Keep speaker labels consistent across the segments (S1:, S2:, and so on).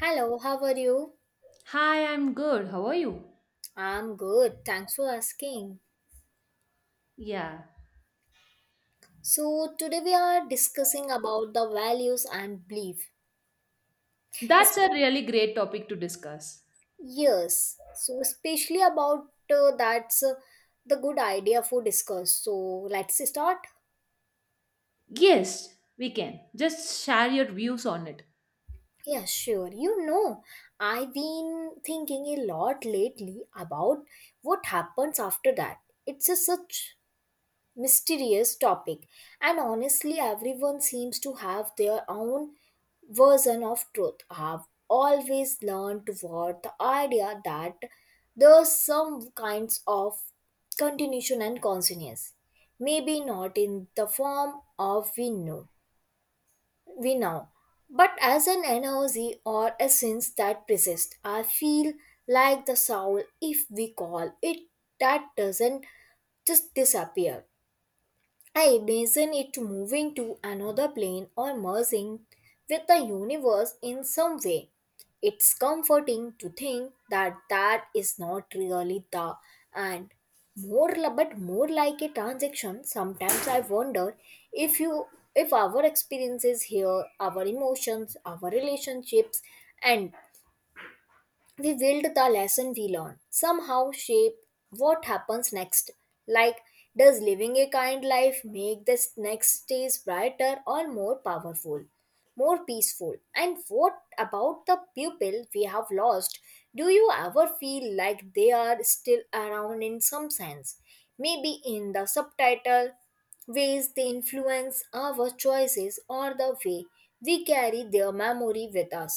S1: Hello, how are you?
S2: Hi, I'm good. How are you?
S1: I'm good. Thanks for asking.
S2: Yeah,
S1: So today we are discussing about the values and belief. Is
S2: that's a really great topic to discuss.
S1: yes. So especially about that's the good idea for discuss. So let's start.
S2: Yes, we can. Just share your views on it.
S1: Yeah, sure. I've been thinking a lot lately about what happens after that. It's a such mysterious topic, and honestly everyone seems to have their own version of truth. I've always learned toward the idea that there's some kinds of continuation and consciousness, maybe not in the form of we know but as an energy or essence that persists. I feel like the soul, if we call it that, doesn't just disappear. I imagine it moving to another plane or merging with the universe in some way. It's comforting to think that that is not really the and but more like a transaction. Sometimes I wonder if you if our experiences here, our emotions, our relationships, and we wield the lesson we learn somehow shape what happens next. Like, does living a kind life make this next days brighter or more powerful, more peaceful? And what about the pupil we have lost? Do you ever feel like they are still around in some sense, maybe in the subtitle ways they influence our choices or the way we carry their memory with us?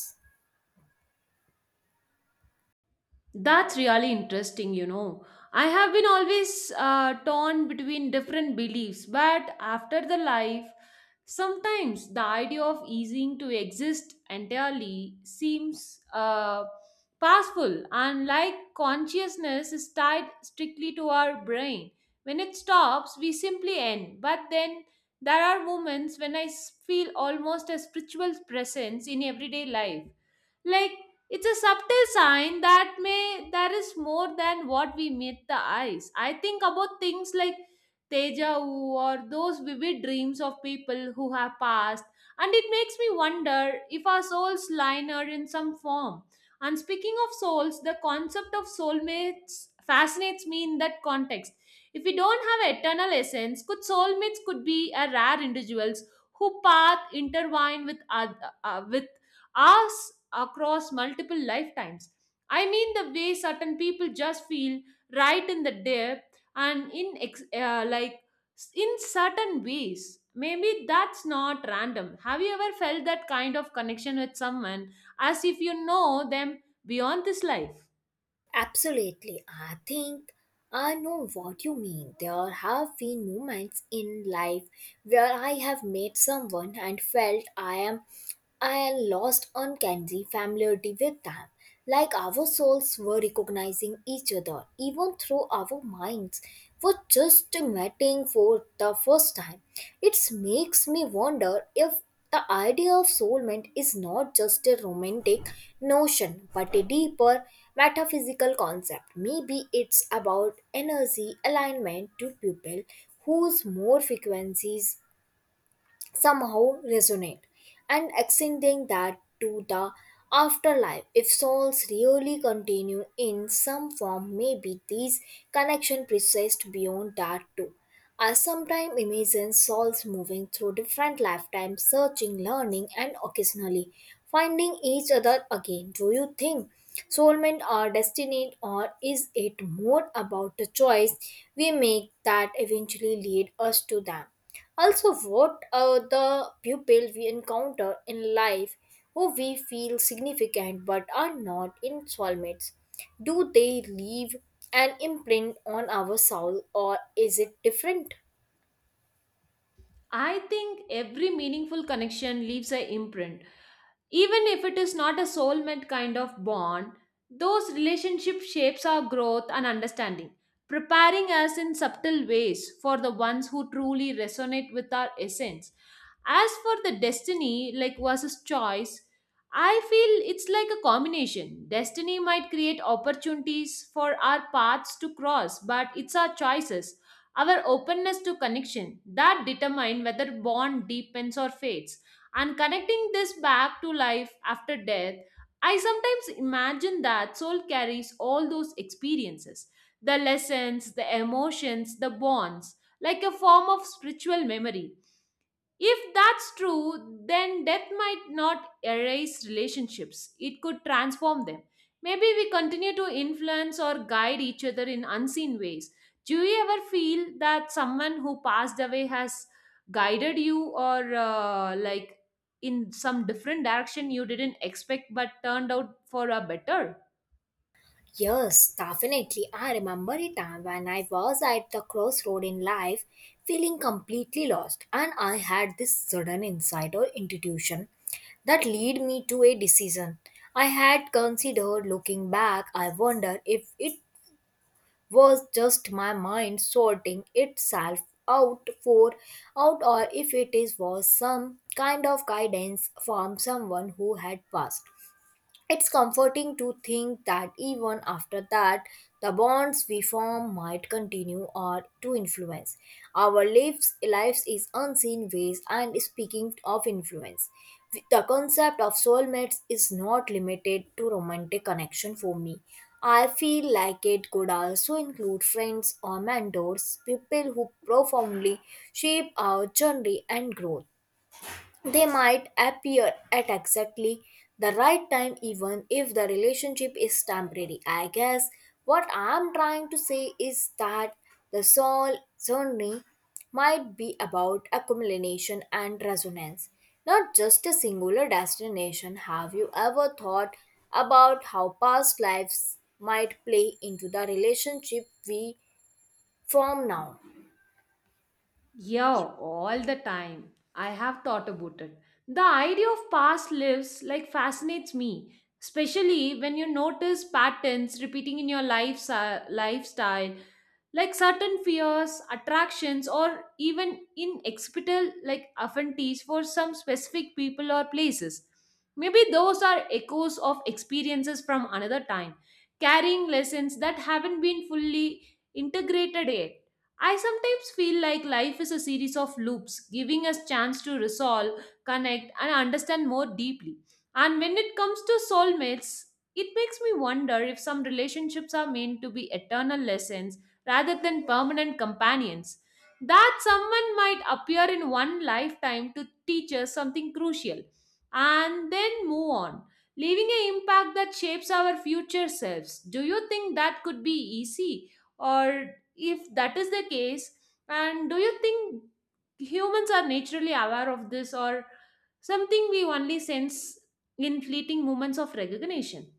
S2: That's really interesting, you know. I have been always torn between different beliefs, but after the life, sometimes the idea of easing to exist entirely seems powerful. And like consciousness is tied strictly to our brain. When it stops, we simply end. But then there are moments when I feel almost a spiritual presence in everyday life like it's a subtle sign that may there is more than what we meet the eyes. I think about things like Teja or those vivid dreams of people who have passed, and it makes me wonder if our souls liner in some form. And speaking of souls, the concept of soulmates fascinates me in that context. If we don't have eternal essence, could soulmates could be a rare individuals who path intertwine with with us across multiple lifetimes. I mean, the way certain people just feel right in the depth and in like in certain ways. Maybe that's not random. Have you ever felt that kind of connection with someone as if you know them beyond this life?
S1: Absolutely. I think I know what you mean. There have been moments in life where I have met someone and felt I am lost uncanny familiarity with them. Like our souls were recognizing each other, even through our minds were just meeting for the first time. It makes me wonder if the idea of soulmate is not just a romantic notion but a deeper metaphysical concept. Maybe it's about energy alignment to people whose more frequencies somehow resonate. And extending that to the afterlife, if souls really continue in some form, maybe these connection persist beyond that too. I sometimes imagine souls moving through different lifetimes, searching, learning, and occasionally finding each other again. Do you think soulmate are destined, or is it more about the choice we make that eventually lead us to them? Also, what are the people we encounter in life who we feel significant but are not in soulmates? Do they leave an imprint on our soul, or is it different?
S2: I think every meaningful connection leaves an imprint. Even if it is not a soulmate kind of bond, those relationship shapes our growth and understanding, preparing us in subtle ways for the ones who truly resonate with our essence. As for the destiny, like versus choice, I feel it's like a combination. Destiny might create opportunities for our paths to cross, but it's our choices, our openness to connection that determine whether bond deepens or fades. And connecting this back to life after death, I sometimes imagine that soul carries all those experiences, the lessons, the emotions, the bonds, like a form of spiritual memory. If that's true, then death might not erase relationships. It could transform them. Maybe we continue to influence or guide each other in unseen ways. Do you ever feel that someone who passed away has guided you or like in some different direction you didn't expect but turned out for a better?
S1: Yes, definitely. I remember a time when I was at the crossroad in life, feeling completely lost, and I had this sudden insight or intuition that led me to a decision I had considered. Looking back, I wonder if it was just my mind sorting itself out for out, or if it is was some kind of guidance from someone who had passed. It's comforting to think that even after that, the bonds we form might continue or to influence our lives in unseen ways. And speaking of influence, the concept of soulmates is not limited to romantic connection for me. I feel like it could also include friends or mentors, people who profoundly shape our journey and growth. They might appear at exactly the right time, even if the relationship is temporary. I guess what I'm trying to say is that the soul journey might be about accumulation and resonance, not just a singular destination. Have you ever thought about how past lives might play into the relationship we form now?
S2: Yeah, all the time. I have thought about it. The idea of past lives like fascinates me, especially when you notice patterns repeating in your life, si, lifestyle, like certain fears, attractions, or even inexplicable like affinities for some specific people or places. Maybe those are echoes of experiences from another time, carrying lessons that haven't been fully integrated yet. I sometimes feel like life is a series of loops, giving us chance to resolve, connect, and understand more deeply. And when it comes to soulmates, it makes me wonder if some relationships are meant to be eternal lessons rather than permanent companions. That someone might appear in one lifetime to teach us something crucial and then move on, leaving an impact that shapes our future selves. Do you think that could be easy? Or if that is the case, and do you think humans are naturally aware of this or something we only sense in fleeting moments of recognition?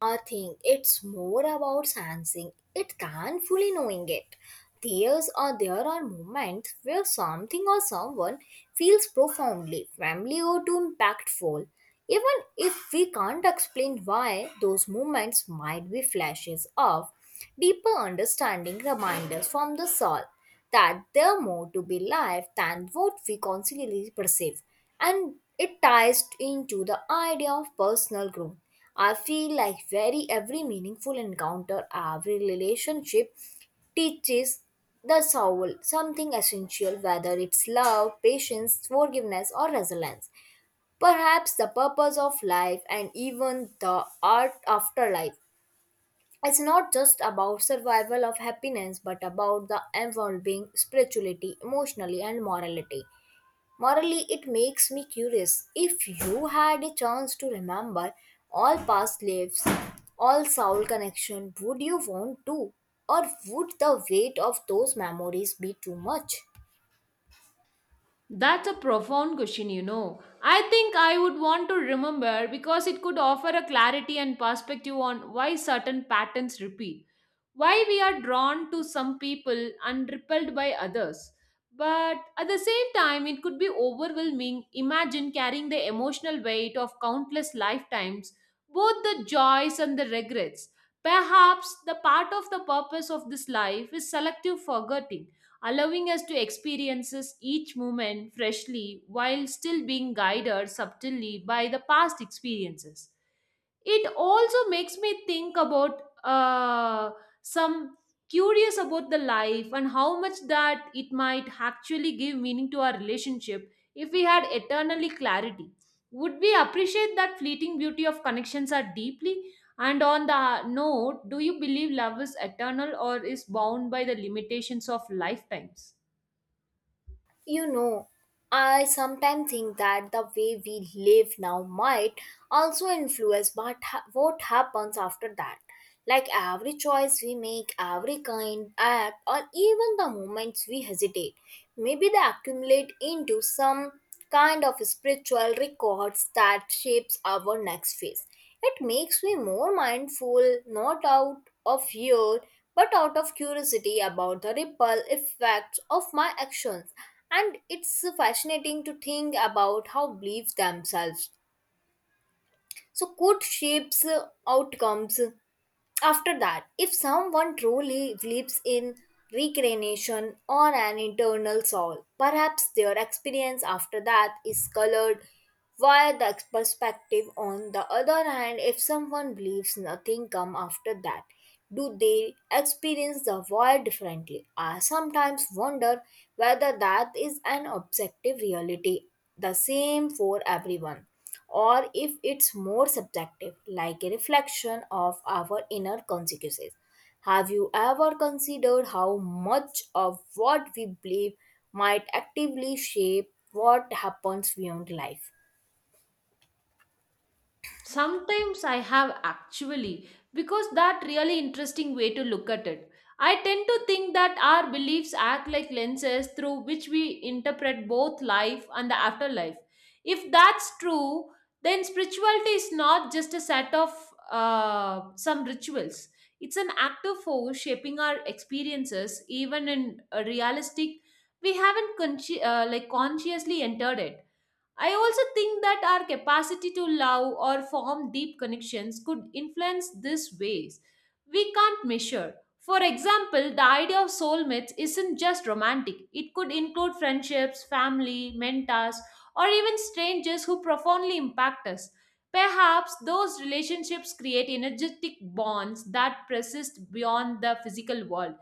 S1: I think it's more about sensing it than fully knowing it. There are moments where something or someone feels profoundly familiar or too impactful. Even if we can't explain why, those moments might be flashes of deeper understanding, reminders from the soul that there are more to be life than what we constantly perceive. And it ties into the idea of personal growth. I feel like very every meaningful encounter, every relationship teaches the soul something essential, whether it's love, patience, forgiveness, or resilience. Perhaps the purpose of life, and even the art afterlife, it's not just about survival of happiness but about the evolving spirituality emotionally and morality morally. It makes me curious, if you had a chance to remember all past lives, all soul connection, would you want to, or would the weight of those memories be too much?
S2: That's a profound question, you know. I think I would want to remember because it could offer a clarity and perspective on why certain patterns repeat, why we are drawn to some people and repelled by others. But at the same time, it could be overwhelming. Imagine carrying the emotional weight of countless lifetimes, both the joys and the regrets. Perhaps the part of the purpose of this life is selective forgetting, allowing us to experience each moment freshly while still being guided subtly by the past experiences. It also makes me think about some curious about the life and how much that it might actually give meaning to our relationship. If we had eternally clarity, would we appreciate that fleeting beauty of connections are deeply? And on the note, do you believe love is eternal or is bound by the limitations of lifetimes?
S1: You know, I sometimes think that the way we live now might also influence what happens after that. Like every choice we make, every kind act, or even the moments we hesitate, maybe they accumulate into some kind of spiritual records that shapes our next phase. It makes me more mindful, not out of fear, but out of curiosity about the ripple effects of my actions. And it's fascinating to think about how beliefs themselves so could shapes outcomes after that. If someone truly believes in reincarnation or an internal soul, perhaps their experience after that is colored by the perspective. On the other hand, if someone believes nothing come after that, do they experience the void differently? I sometimes wonder whether that is an objective reality, the same for everyone, or if it's more subjective, like a reflection of our inner consequences. Have you ever considered how much of what we believe might actively shape what happens beyond life?
S2: Sometimes I have actually, because that really interesting way to look at it. I tend to think that our beliefs act like lenses through which we interpret both life and the afterlife. If that's true, then spirituality is not just a set of some rituals. It's an active force shaping our experiences, even in a realistic. We haven't like consciously entered it. I also think that our capacity to love or form deep connections could influence these ways. We can't measure. For example, the idea of soulmates isn't just romantic, it could include friendships, family, mentors, or even strangers who profoundly impact us. Perhaps those relationships create energetic bonds that persist beyond the physical world.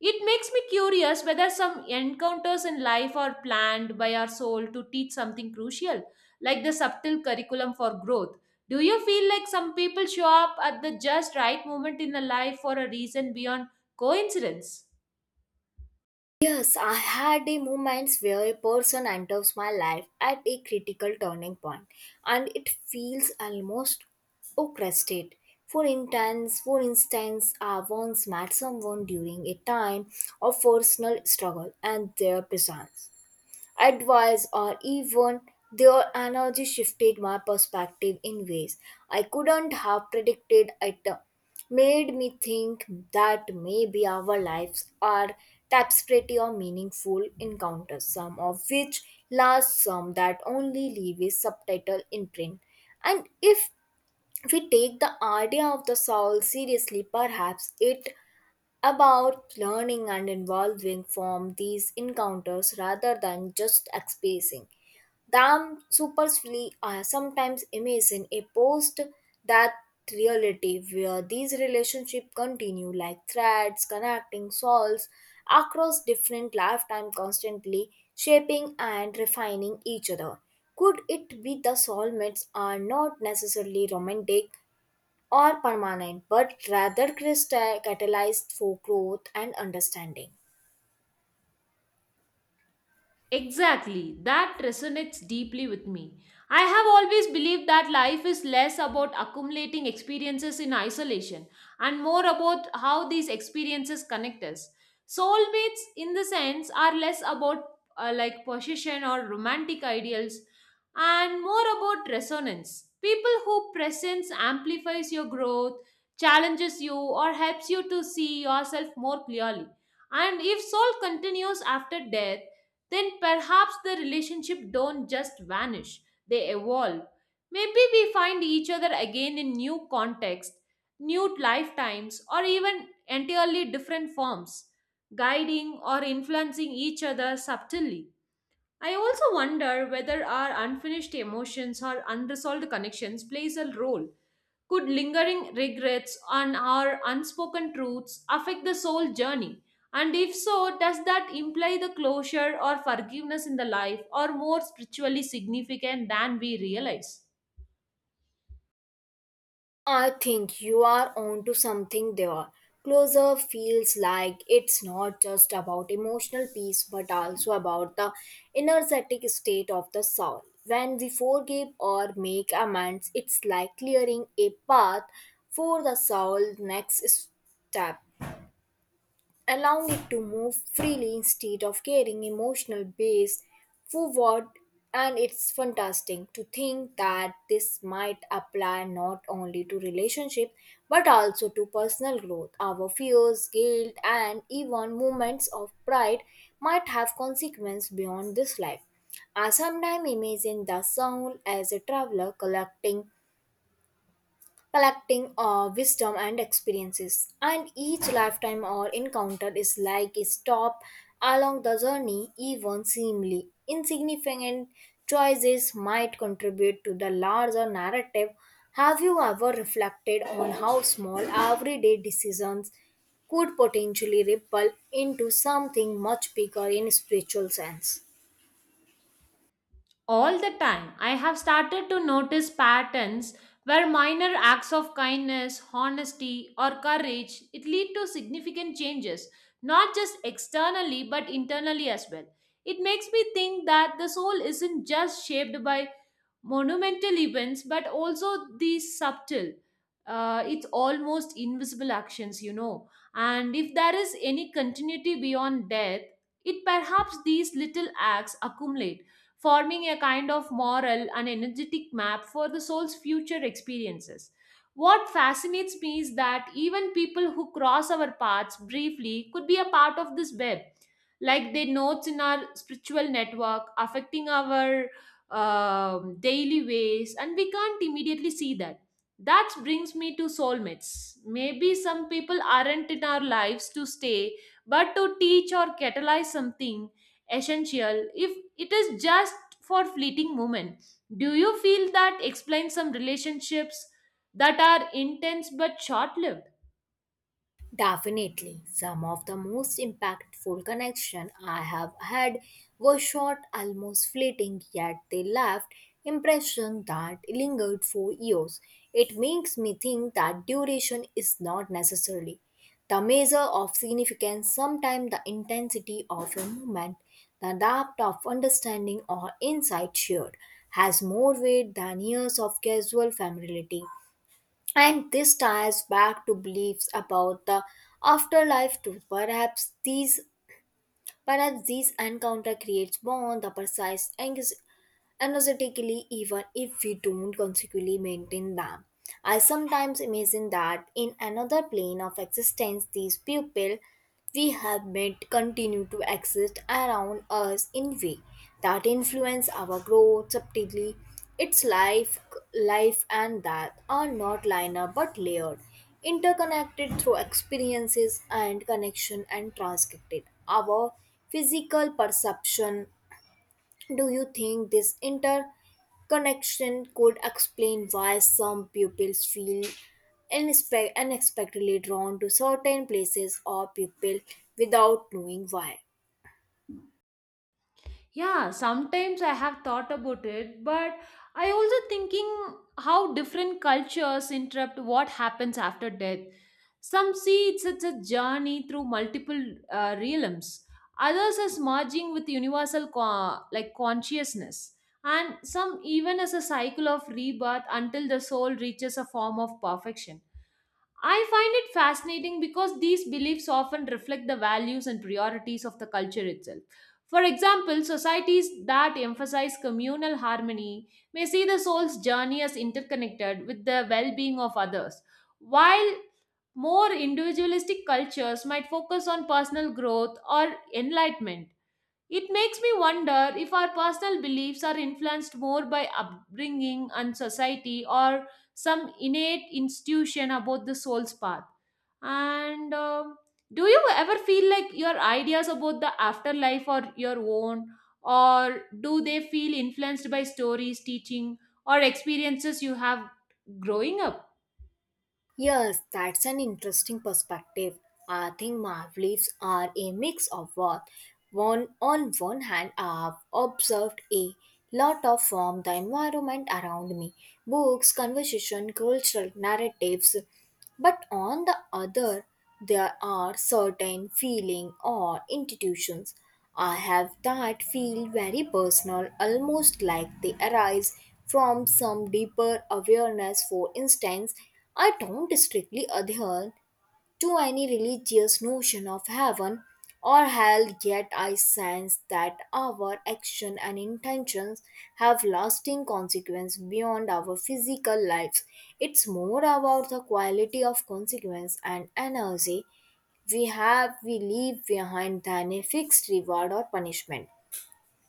S2: It makes me curious whether some encounters in life are planned by our soul to teach something crucial, like the subtle curriculum for growth. Do you feel like some people show up at the just right moment in the life for a reason beyond coincidence?
S1: Yes, I had a moments where a person enters my life at a critical turning point and it feels almost orchestrated. For instance, I once met someone during a time of personal struggle, and their presence, advice, or even their energy shifted my perspective in ways I couldn't have predicted. It made me think that maybe our lives are tapestry of meaningful encounters, some of which last, some that only leave a subtitle imprint. And if we take the idea of the soul seriously, perhaps it about learning and evolving from these encounters rather than just experiencing them superficially. I sometimes imagine a post that reality where these relationships continue, like threads connecting souls across different lifetime, constantly shaping and refining each other. Could it be the soulmates are not necessarily romantic or permanent, but rather crystal- catalyzed for growth and understanding?
S2: Exactly, that resonates deeply with me. I have always believed that life is less about accumulating experiences in isolation and more about how these experiences connect us. Soulmates, in the sense, are less about like possession or romantic ideals and more about resonance. People whose presence amplifies your growth, challenges you, or helps you to see yourself more clearly. And if soul continues after death, then perhaps the relationship don't just vanish, they evolve. Maybe we find each other again in new context, new lifetimes, or even entirely different forms, guiding or influencing each other subtly. I also wonder whether our unfinished emotions or unresolved connections plays a role. Could lingering regrets and our unspoken truths affect the soul journey? And if so, does that imply the closure or forgiveness in the life or more spiritually significant than we realize?
S1: I think you are onto something there. Closer feels like it's not just about emotional peace but also about the energetic state of the soul. When we forgive or make amends, it's like clearing a path for the soul's next step, allowing it to move freely instead of carrying emotional base forward. And it's fantastic to think that this might apply not only to relationship but also to personal growth. Our fears, guilt, and even moments of pride might have consequences beyond this life. I sometimes imagine the soul as a traveler collecting wisdom and experiences. And each lifetime or encounter is like a stop along the journey. Even seemingly insignificant choices might contribute to the larger narrative. Have you ever reflected on how small everyday decisions could potentially ripple into something much bigger in spiritual sense?
S2: All the time, I have started to notice patterns where minor acts of kindness, honesty, or courage it lead to significant changes, not just externally but internally as well. It makes me think that the soul isn't just shaped by monumental events, but also these subtle. It's almost invisible actions, you know. And if there is any continuity beyond death, it perhaps these little acts accumulate, forming a kind of moral and energetic map for the soul's future experiences. What fascinates me is that even people who cross our paths briefly could be a part of this web, like their nodes in our spiritual network, affecting our daily ways, and we can't immediately see that. That brings me to soulmates. Maybe some people aren't in our lives to stay, but to teach or catalyze something essential if it is just for fleeting moment. Do you feel that explains some relationships that are intense but short lived?
S1: Definitely. Some of the most impactful connection I have had were short, almost fleeting, yet they left impression that lingered for years. It makes me think that duration is not necessarily the measure of significance. Sometimes the intensity of a moment, the depth of understanding or insight shared has more weight than years of casual familiarity. And this ties back to beliefs about the afterlife too. Perhaps these encounter creates bond the precise anxious energetically, even if we don't consequently maintain them. I sometimes imagine that in another plane of existence, these people we have met continue to exist around us in ways that influence our growth subtly. Its life and death are not linear but layered, interconnected through experiences and connection, and transcripted our physical perception. Do you think this interconnection could explain why some pupils feel unexpectedly drawn to certain places or people without knowing why?
S2: Yeah, sometimes I have thought about it, but I also thinking how different cultures interrupt what happens after death. Some see it as a journey through multiple realms. Others as merging with universal like consciousness, and some even as a cycle of rebirth until the soul reaches a form of perfection. I find it fascinating because these beliefs often reflect the values and priorities of the culture itself. For example, societies that emphasize communal harmony may see the soul's journey as interconnected with the well being of others, while more individualistic cultures might focus on personal growth or enlightenment. It makes me wonder if our personal beliefs are influenced more by upbringing and society or some innate institution about the soul's path. And do you ever feel like your ideas about the afterlife are your own, or do they feel influenced by stories, teaching, or experiences you have growing up?
S1: Yes, that's an interesting perspective. I think my beliefs are a mix of both. On one hand, I've observed a lot of from the environment around me, books, conversation, cultural narratives. But on the other, there are certain feeling or institutions I have that feel very personal, almost like they arise from some deeper awareness. For instance, I don't strictly adhere to any religious notion of heaven or hell, yet I sense that our action and intentions have lasting consequence beyond our physical lives. It's more about the quality of consequence and energy we leave behind than a fixed reward or punishment.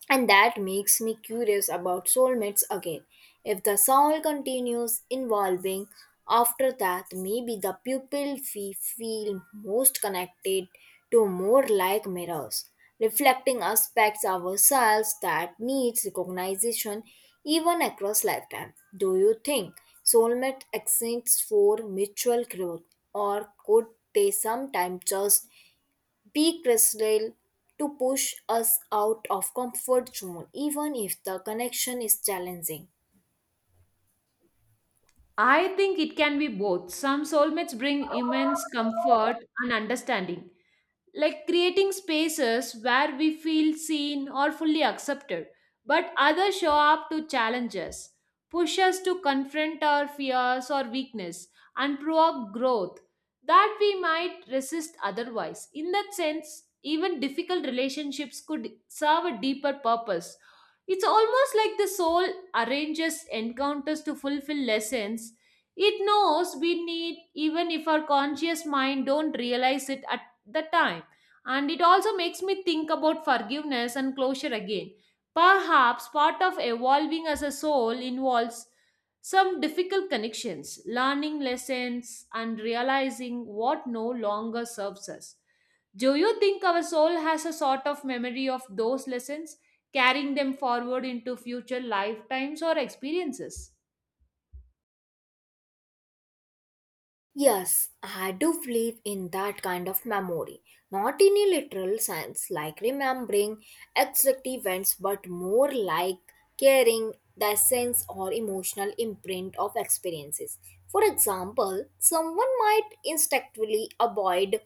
S1: And that makes me curious about soulmates again. If the soul continues evolving after that, maybe the people we feel most connected to more like mirrors, reflecting aspects of ourselves that needs recognition even across lifetime. Do you think soulmate exists for mutual growth, or could they sometimes just be crystal to push us out of comfort zone even if the connection is challenging?
S2: I think it can be both. Some soulmates bring immense comfort and understanding, like creating spaces where we feel seen or fully accepted, but others show up to challenge us, push us to confront our fears or weakness, and provoke growth that we might resist otherwise. In that sense, even difficult relationships could serve a deeper purpose. It's almost like the soul arranges encounters to fulfill lessons it knows we need even if our conscious mind don't realize it at the time. And it also makes me think about forgiveness and closure again. Perhaps part of evolving as a soul involves some difficult connections, learning lessons, and realizing what no longer serves us. Do you think our soul has a sort of memory of those lessons, carrying them forward into future lifetimes or experiences?
S1: Yes, I do believe in that kind of memory. Not in a literal sense like remembering exact events, but more like carrying the essence or emotional imprint of experiences. For example, someone might instinctively avoid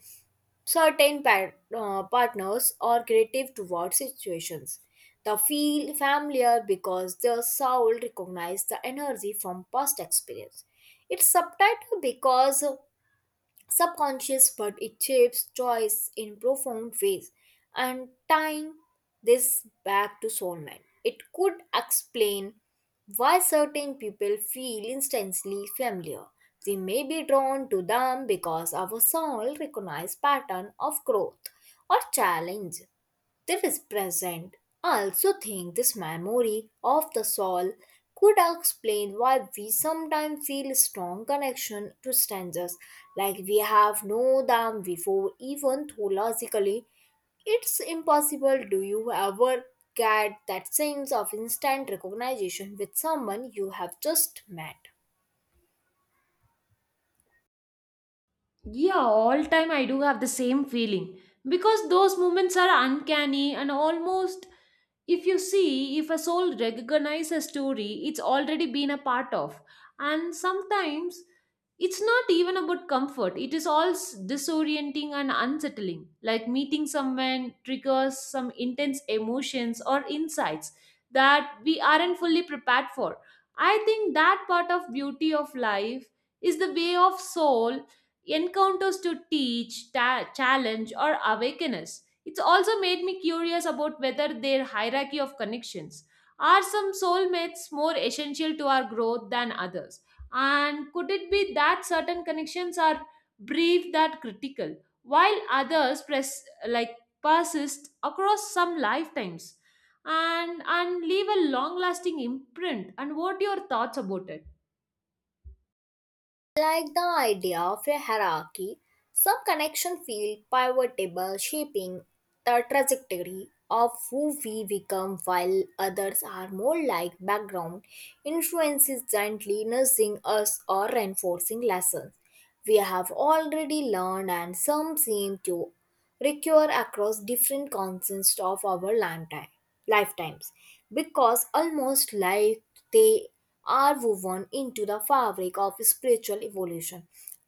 S1: partners are creative toward situations that feel familiar because their soul recognizes the energy from past experience. It's subtitled because subconscious, but it shapes choice in profound ways. And tying this back to soulmate, it could explain why certain people feel instantly familiar. We may be drawn to them because our soul recognizes pattern of growth or challenge there is present. I also think this memory of the soul could explain why we sometimes feel strong connection to strangers, like we have known them before, even though logically it's impossible. Do you ever get that sense of instant recognition with someone you have just met?
S2: Yeah, all time I do have the same feeling because those moments are uncanny and almost if you see if a soul recognizes a story it's already been a part of. And sometimes it's not even about comfort, it is all disorienting and unsettling. Like meeting someone triggers some intense emotions or insights that we aren't fully prepared for. I think that part of beauty of life is the way of soul encounters to teach, challenge, or awaken us. It's also made me curious about whether their hierarchy of connections are some soulmates more essential to our growth than others. And could it be that certain connections are brief that critical, while others press like persist across some lifetimes and leave a long-lasting imprint? And what are your thoughts about it?
S1: Like the idea of a hierarchy, some connection feel pivotal, shaping the trajectory of who we become, while others are more like background influences, gently nursing us or reinforcing lessons we have already learned, and some seem to recur across different constants of our lifetime, lifetimes, because almost like they are woven into the fabric of spiritual evolution.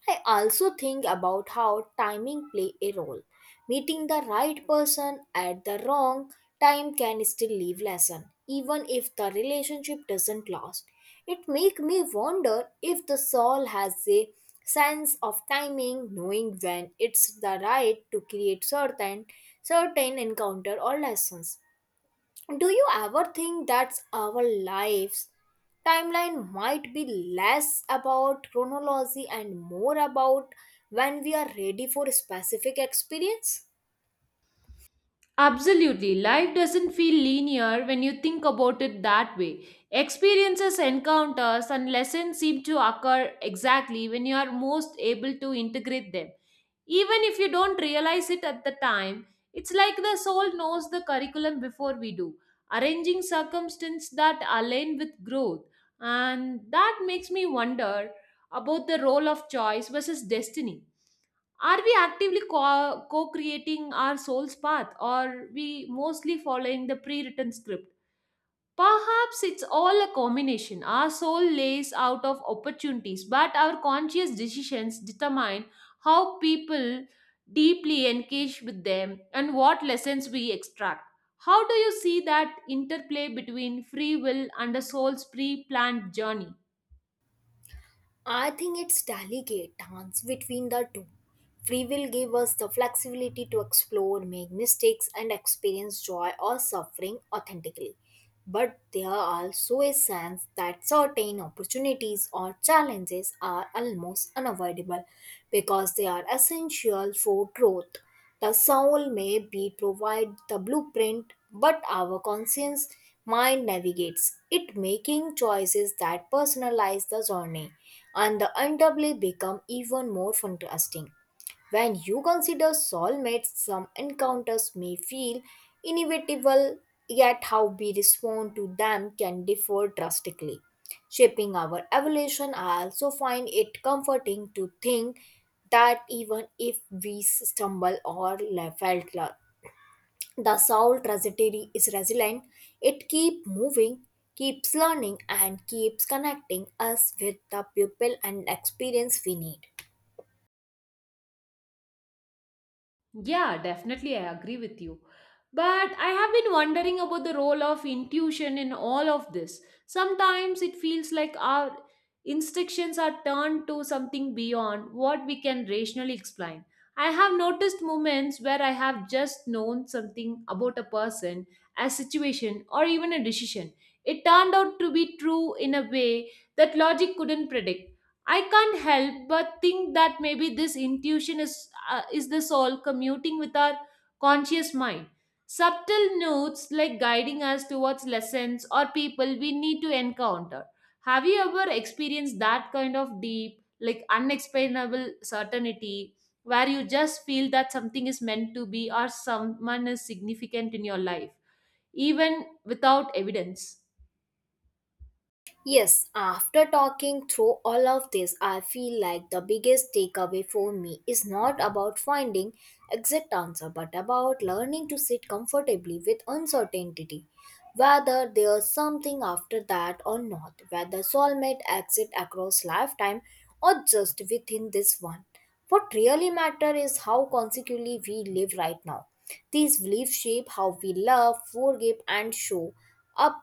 S1: I also think about how timing play a role. Meeting the right person at the wrong time can still leave lesson, even if the relationship doesn't last. It make me wonder if the soul has a sense of timing, knowing when it's the right to create certain encounter or lessons. Do you ever think that our lives timeline might be less about chronology and more about when we are ready for a specific experience?
S2: Absolutely. Life doesn't feel linear when you think about it that way. Experiences, encounters, and lessons seem to occur exactly when you are most able to integrate them. Even if you don't realize it at the time, it's like the soul knows the curriculum before we do, arranging circumstances that align with growth. And that makes me wonder about the role of choice versus destiny. Are we actively co creating our soul's path, or we mostly following the pre written script? Perhaps it's all a combination. Our soul lays out of opportunities, but our conscious decisions determine how people deeply engage with them and what lessons we extract. How do you see that interplay between free will and the soul's pre planned journey?
S1: I think it's delicate dance between the two. Free will gave us the flexibility to explore, make mistakes, and experience joy or suffering authentically. But there also a sense that certain opportunities or challenges are almost unavoidable because they are essential for growth. The soul may be provide the blueprint, but our conscience mind navigates it, making choices that personalize the journey and the undoubtedly become even more contrasting. When you consider soulmates, some encounters may feel inevitable, yet how we respond to them can differ drastically, shaping our evolution. I also find it comforting to think that even if we stumble or la- felt la- the soul trajectory is resilient. It keeps moving, keeps learning, and keeps connecting us with the people and experience we need.
S2: Yeah, definitely, I agree with you. But I have been wondering about the role of intuition in all of this. Sometimes it feels like our instructions are turned to something beyond what we can rationally explain. I have noticed moments where I have just known something about a person, a situation, or even a decision. It turned out to be true in a way that logic couldn't predict. I can't help but think that maybe this intuition is the soul commuting with our conscious mind. Subtle notes like guiding us towards lessons or people we need to encounter. Have you ever experienced that kind of deep, like unexplainable certainty where you just feel that something is meant to be or someone is significant in your life, even without evidence?
S1: Yes, after talking through all of this, I feel like the biggest takeaway for me is not about finding exact answer, but about learning to sit comfortably with uncertainty. Whether there's something after that or not, whether soulmate exit across lifetime or just within this one. What really matters is how consequently we live right now. These beliefs shape how we love, forgive, and show up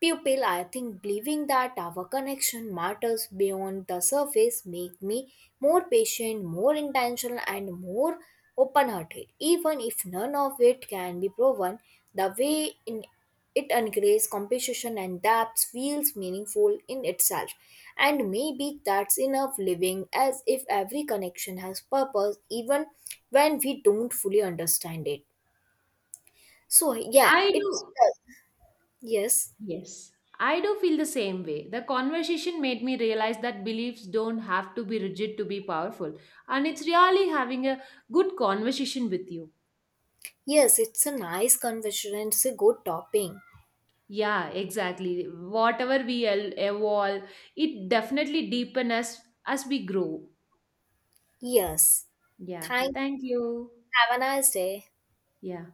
S1: pupil, I think believing that our connection matters beyond the surface make me more patient, more intentional, and more open-hearted. Even if none of it can be proven, the way in it encourages competition and depth feels meaningful in itself. And maybe that's enough, living as if every connection has purpose, even when we don't fully understand it. So yeah,
S2: I
S1: it's
S2: do.
S1: yes.
S2: Yes, I do feel the same way. The conversation made me realize that beliefs don't have to be rigid to be powerful, and it's really having a good conversation with you.
S1: Yes, it's a nice conversation. And it's a good topping.
S2: Yeah, exactly. Whatever we evolve, it definitely deepens us as we grow.
S1: Yes.
S2: Yeah,
S1: Thank you.
S2: thank you.
S1: Have a nice day.
S2: Yeah.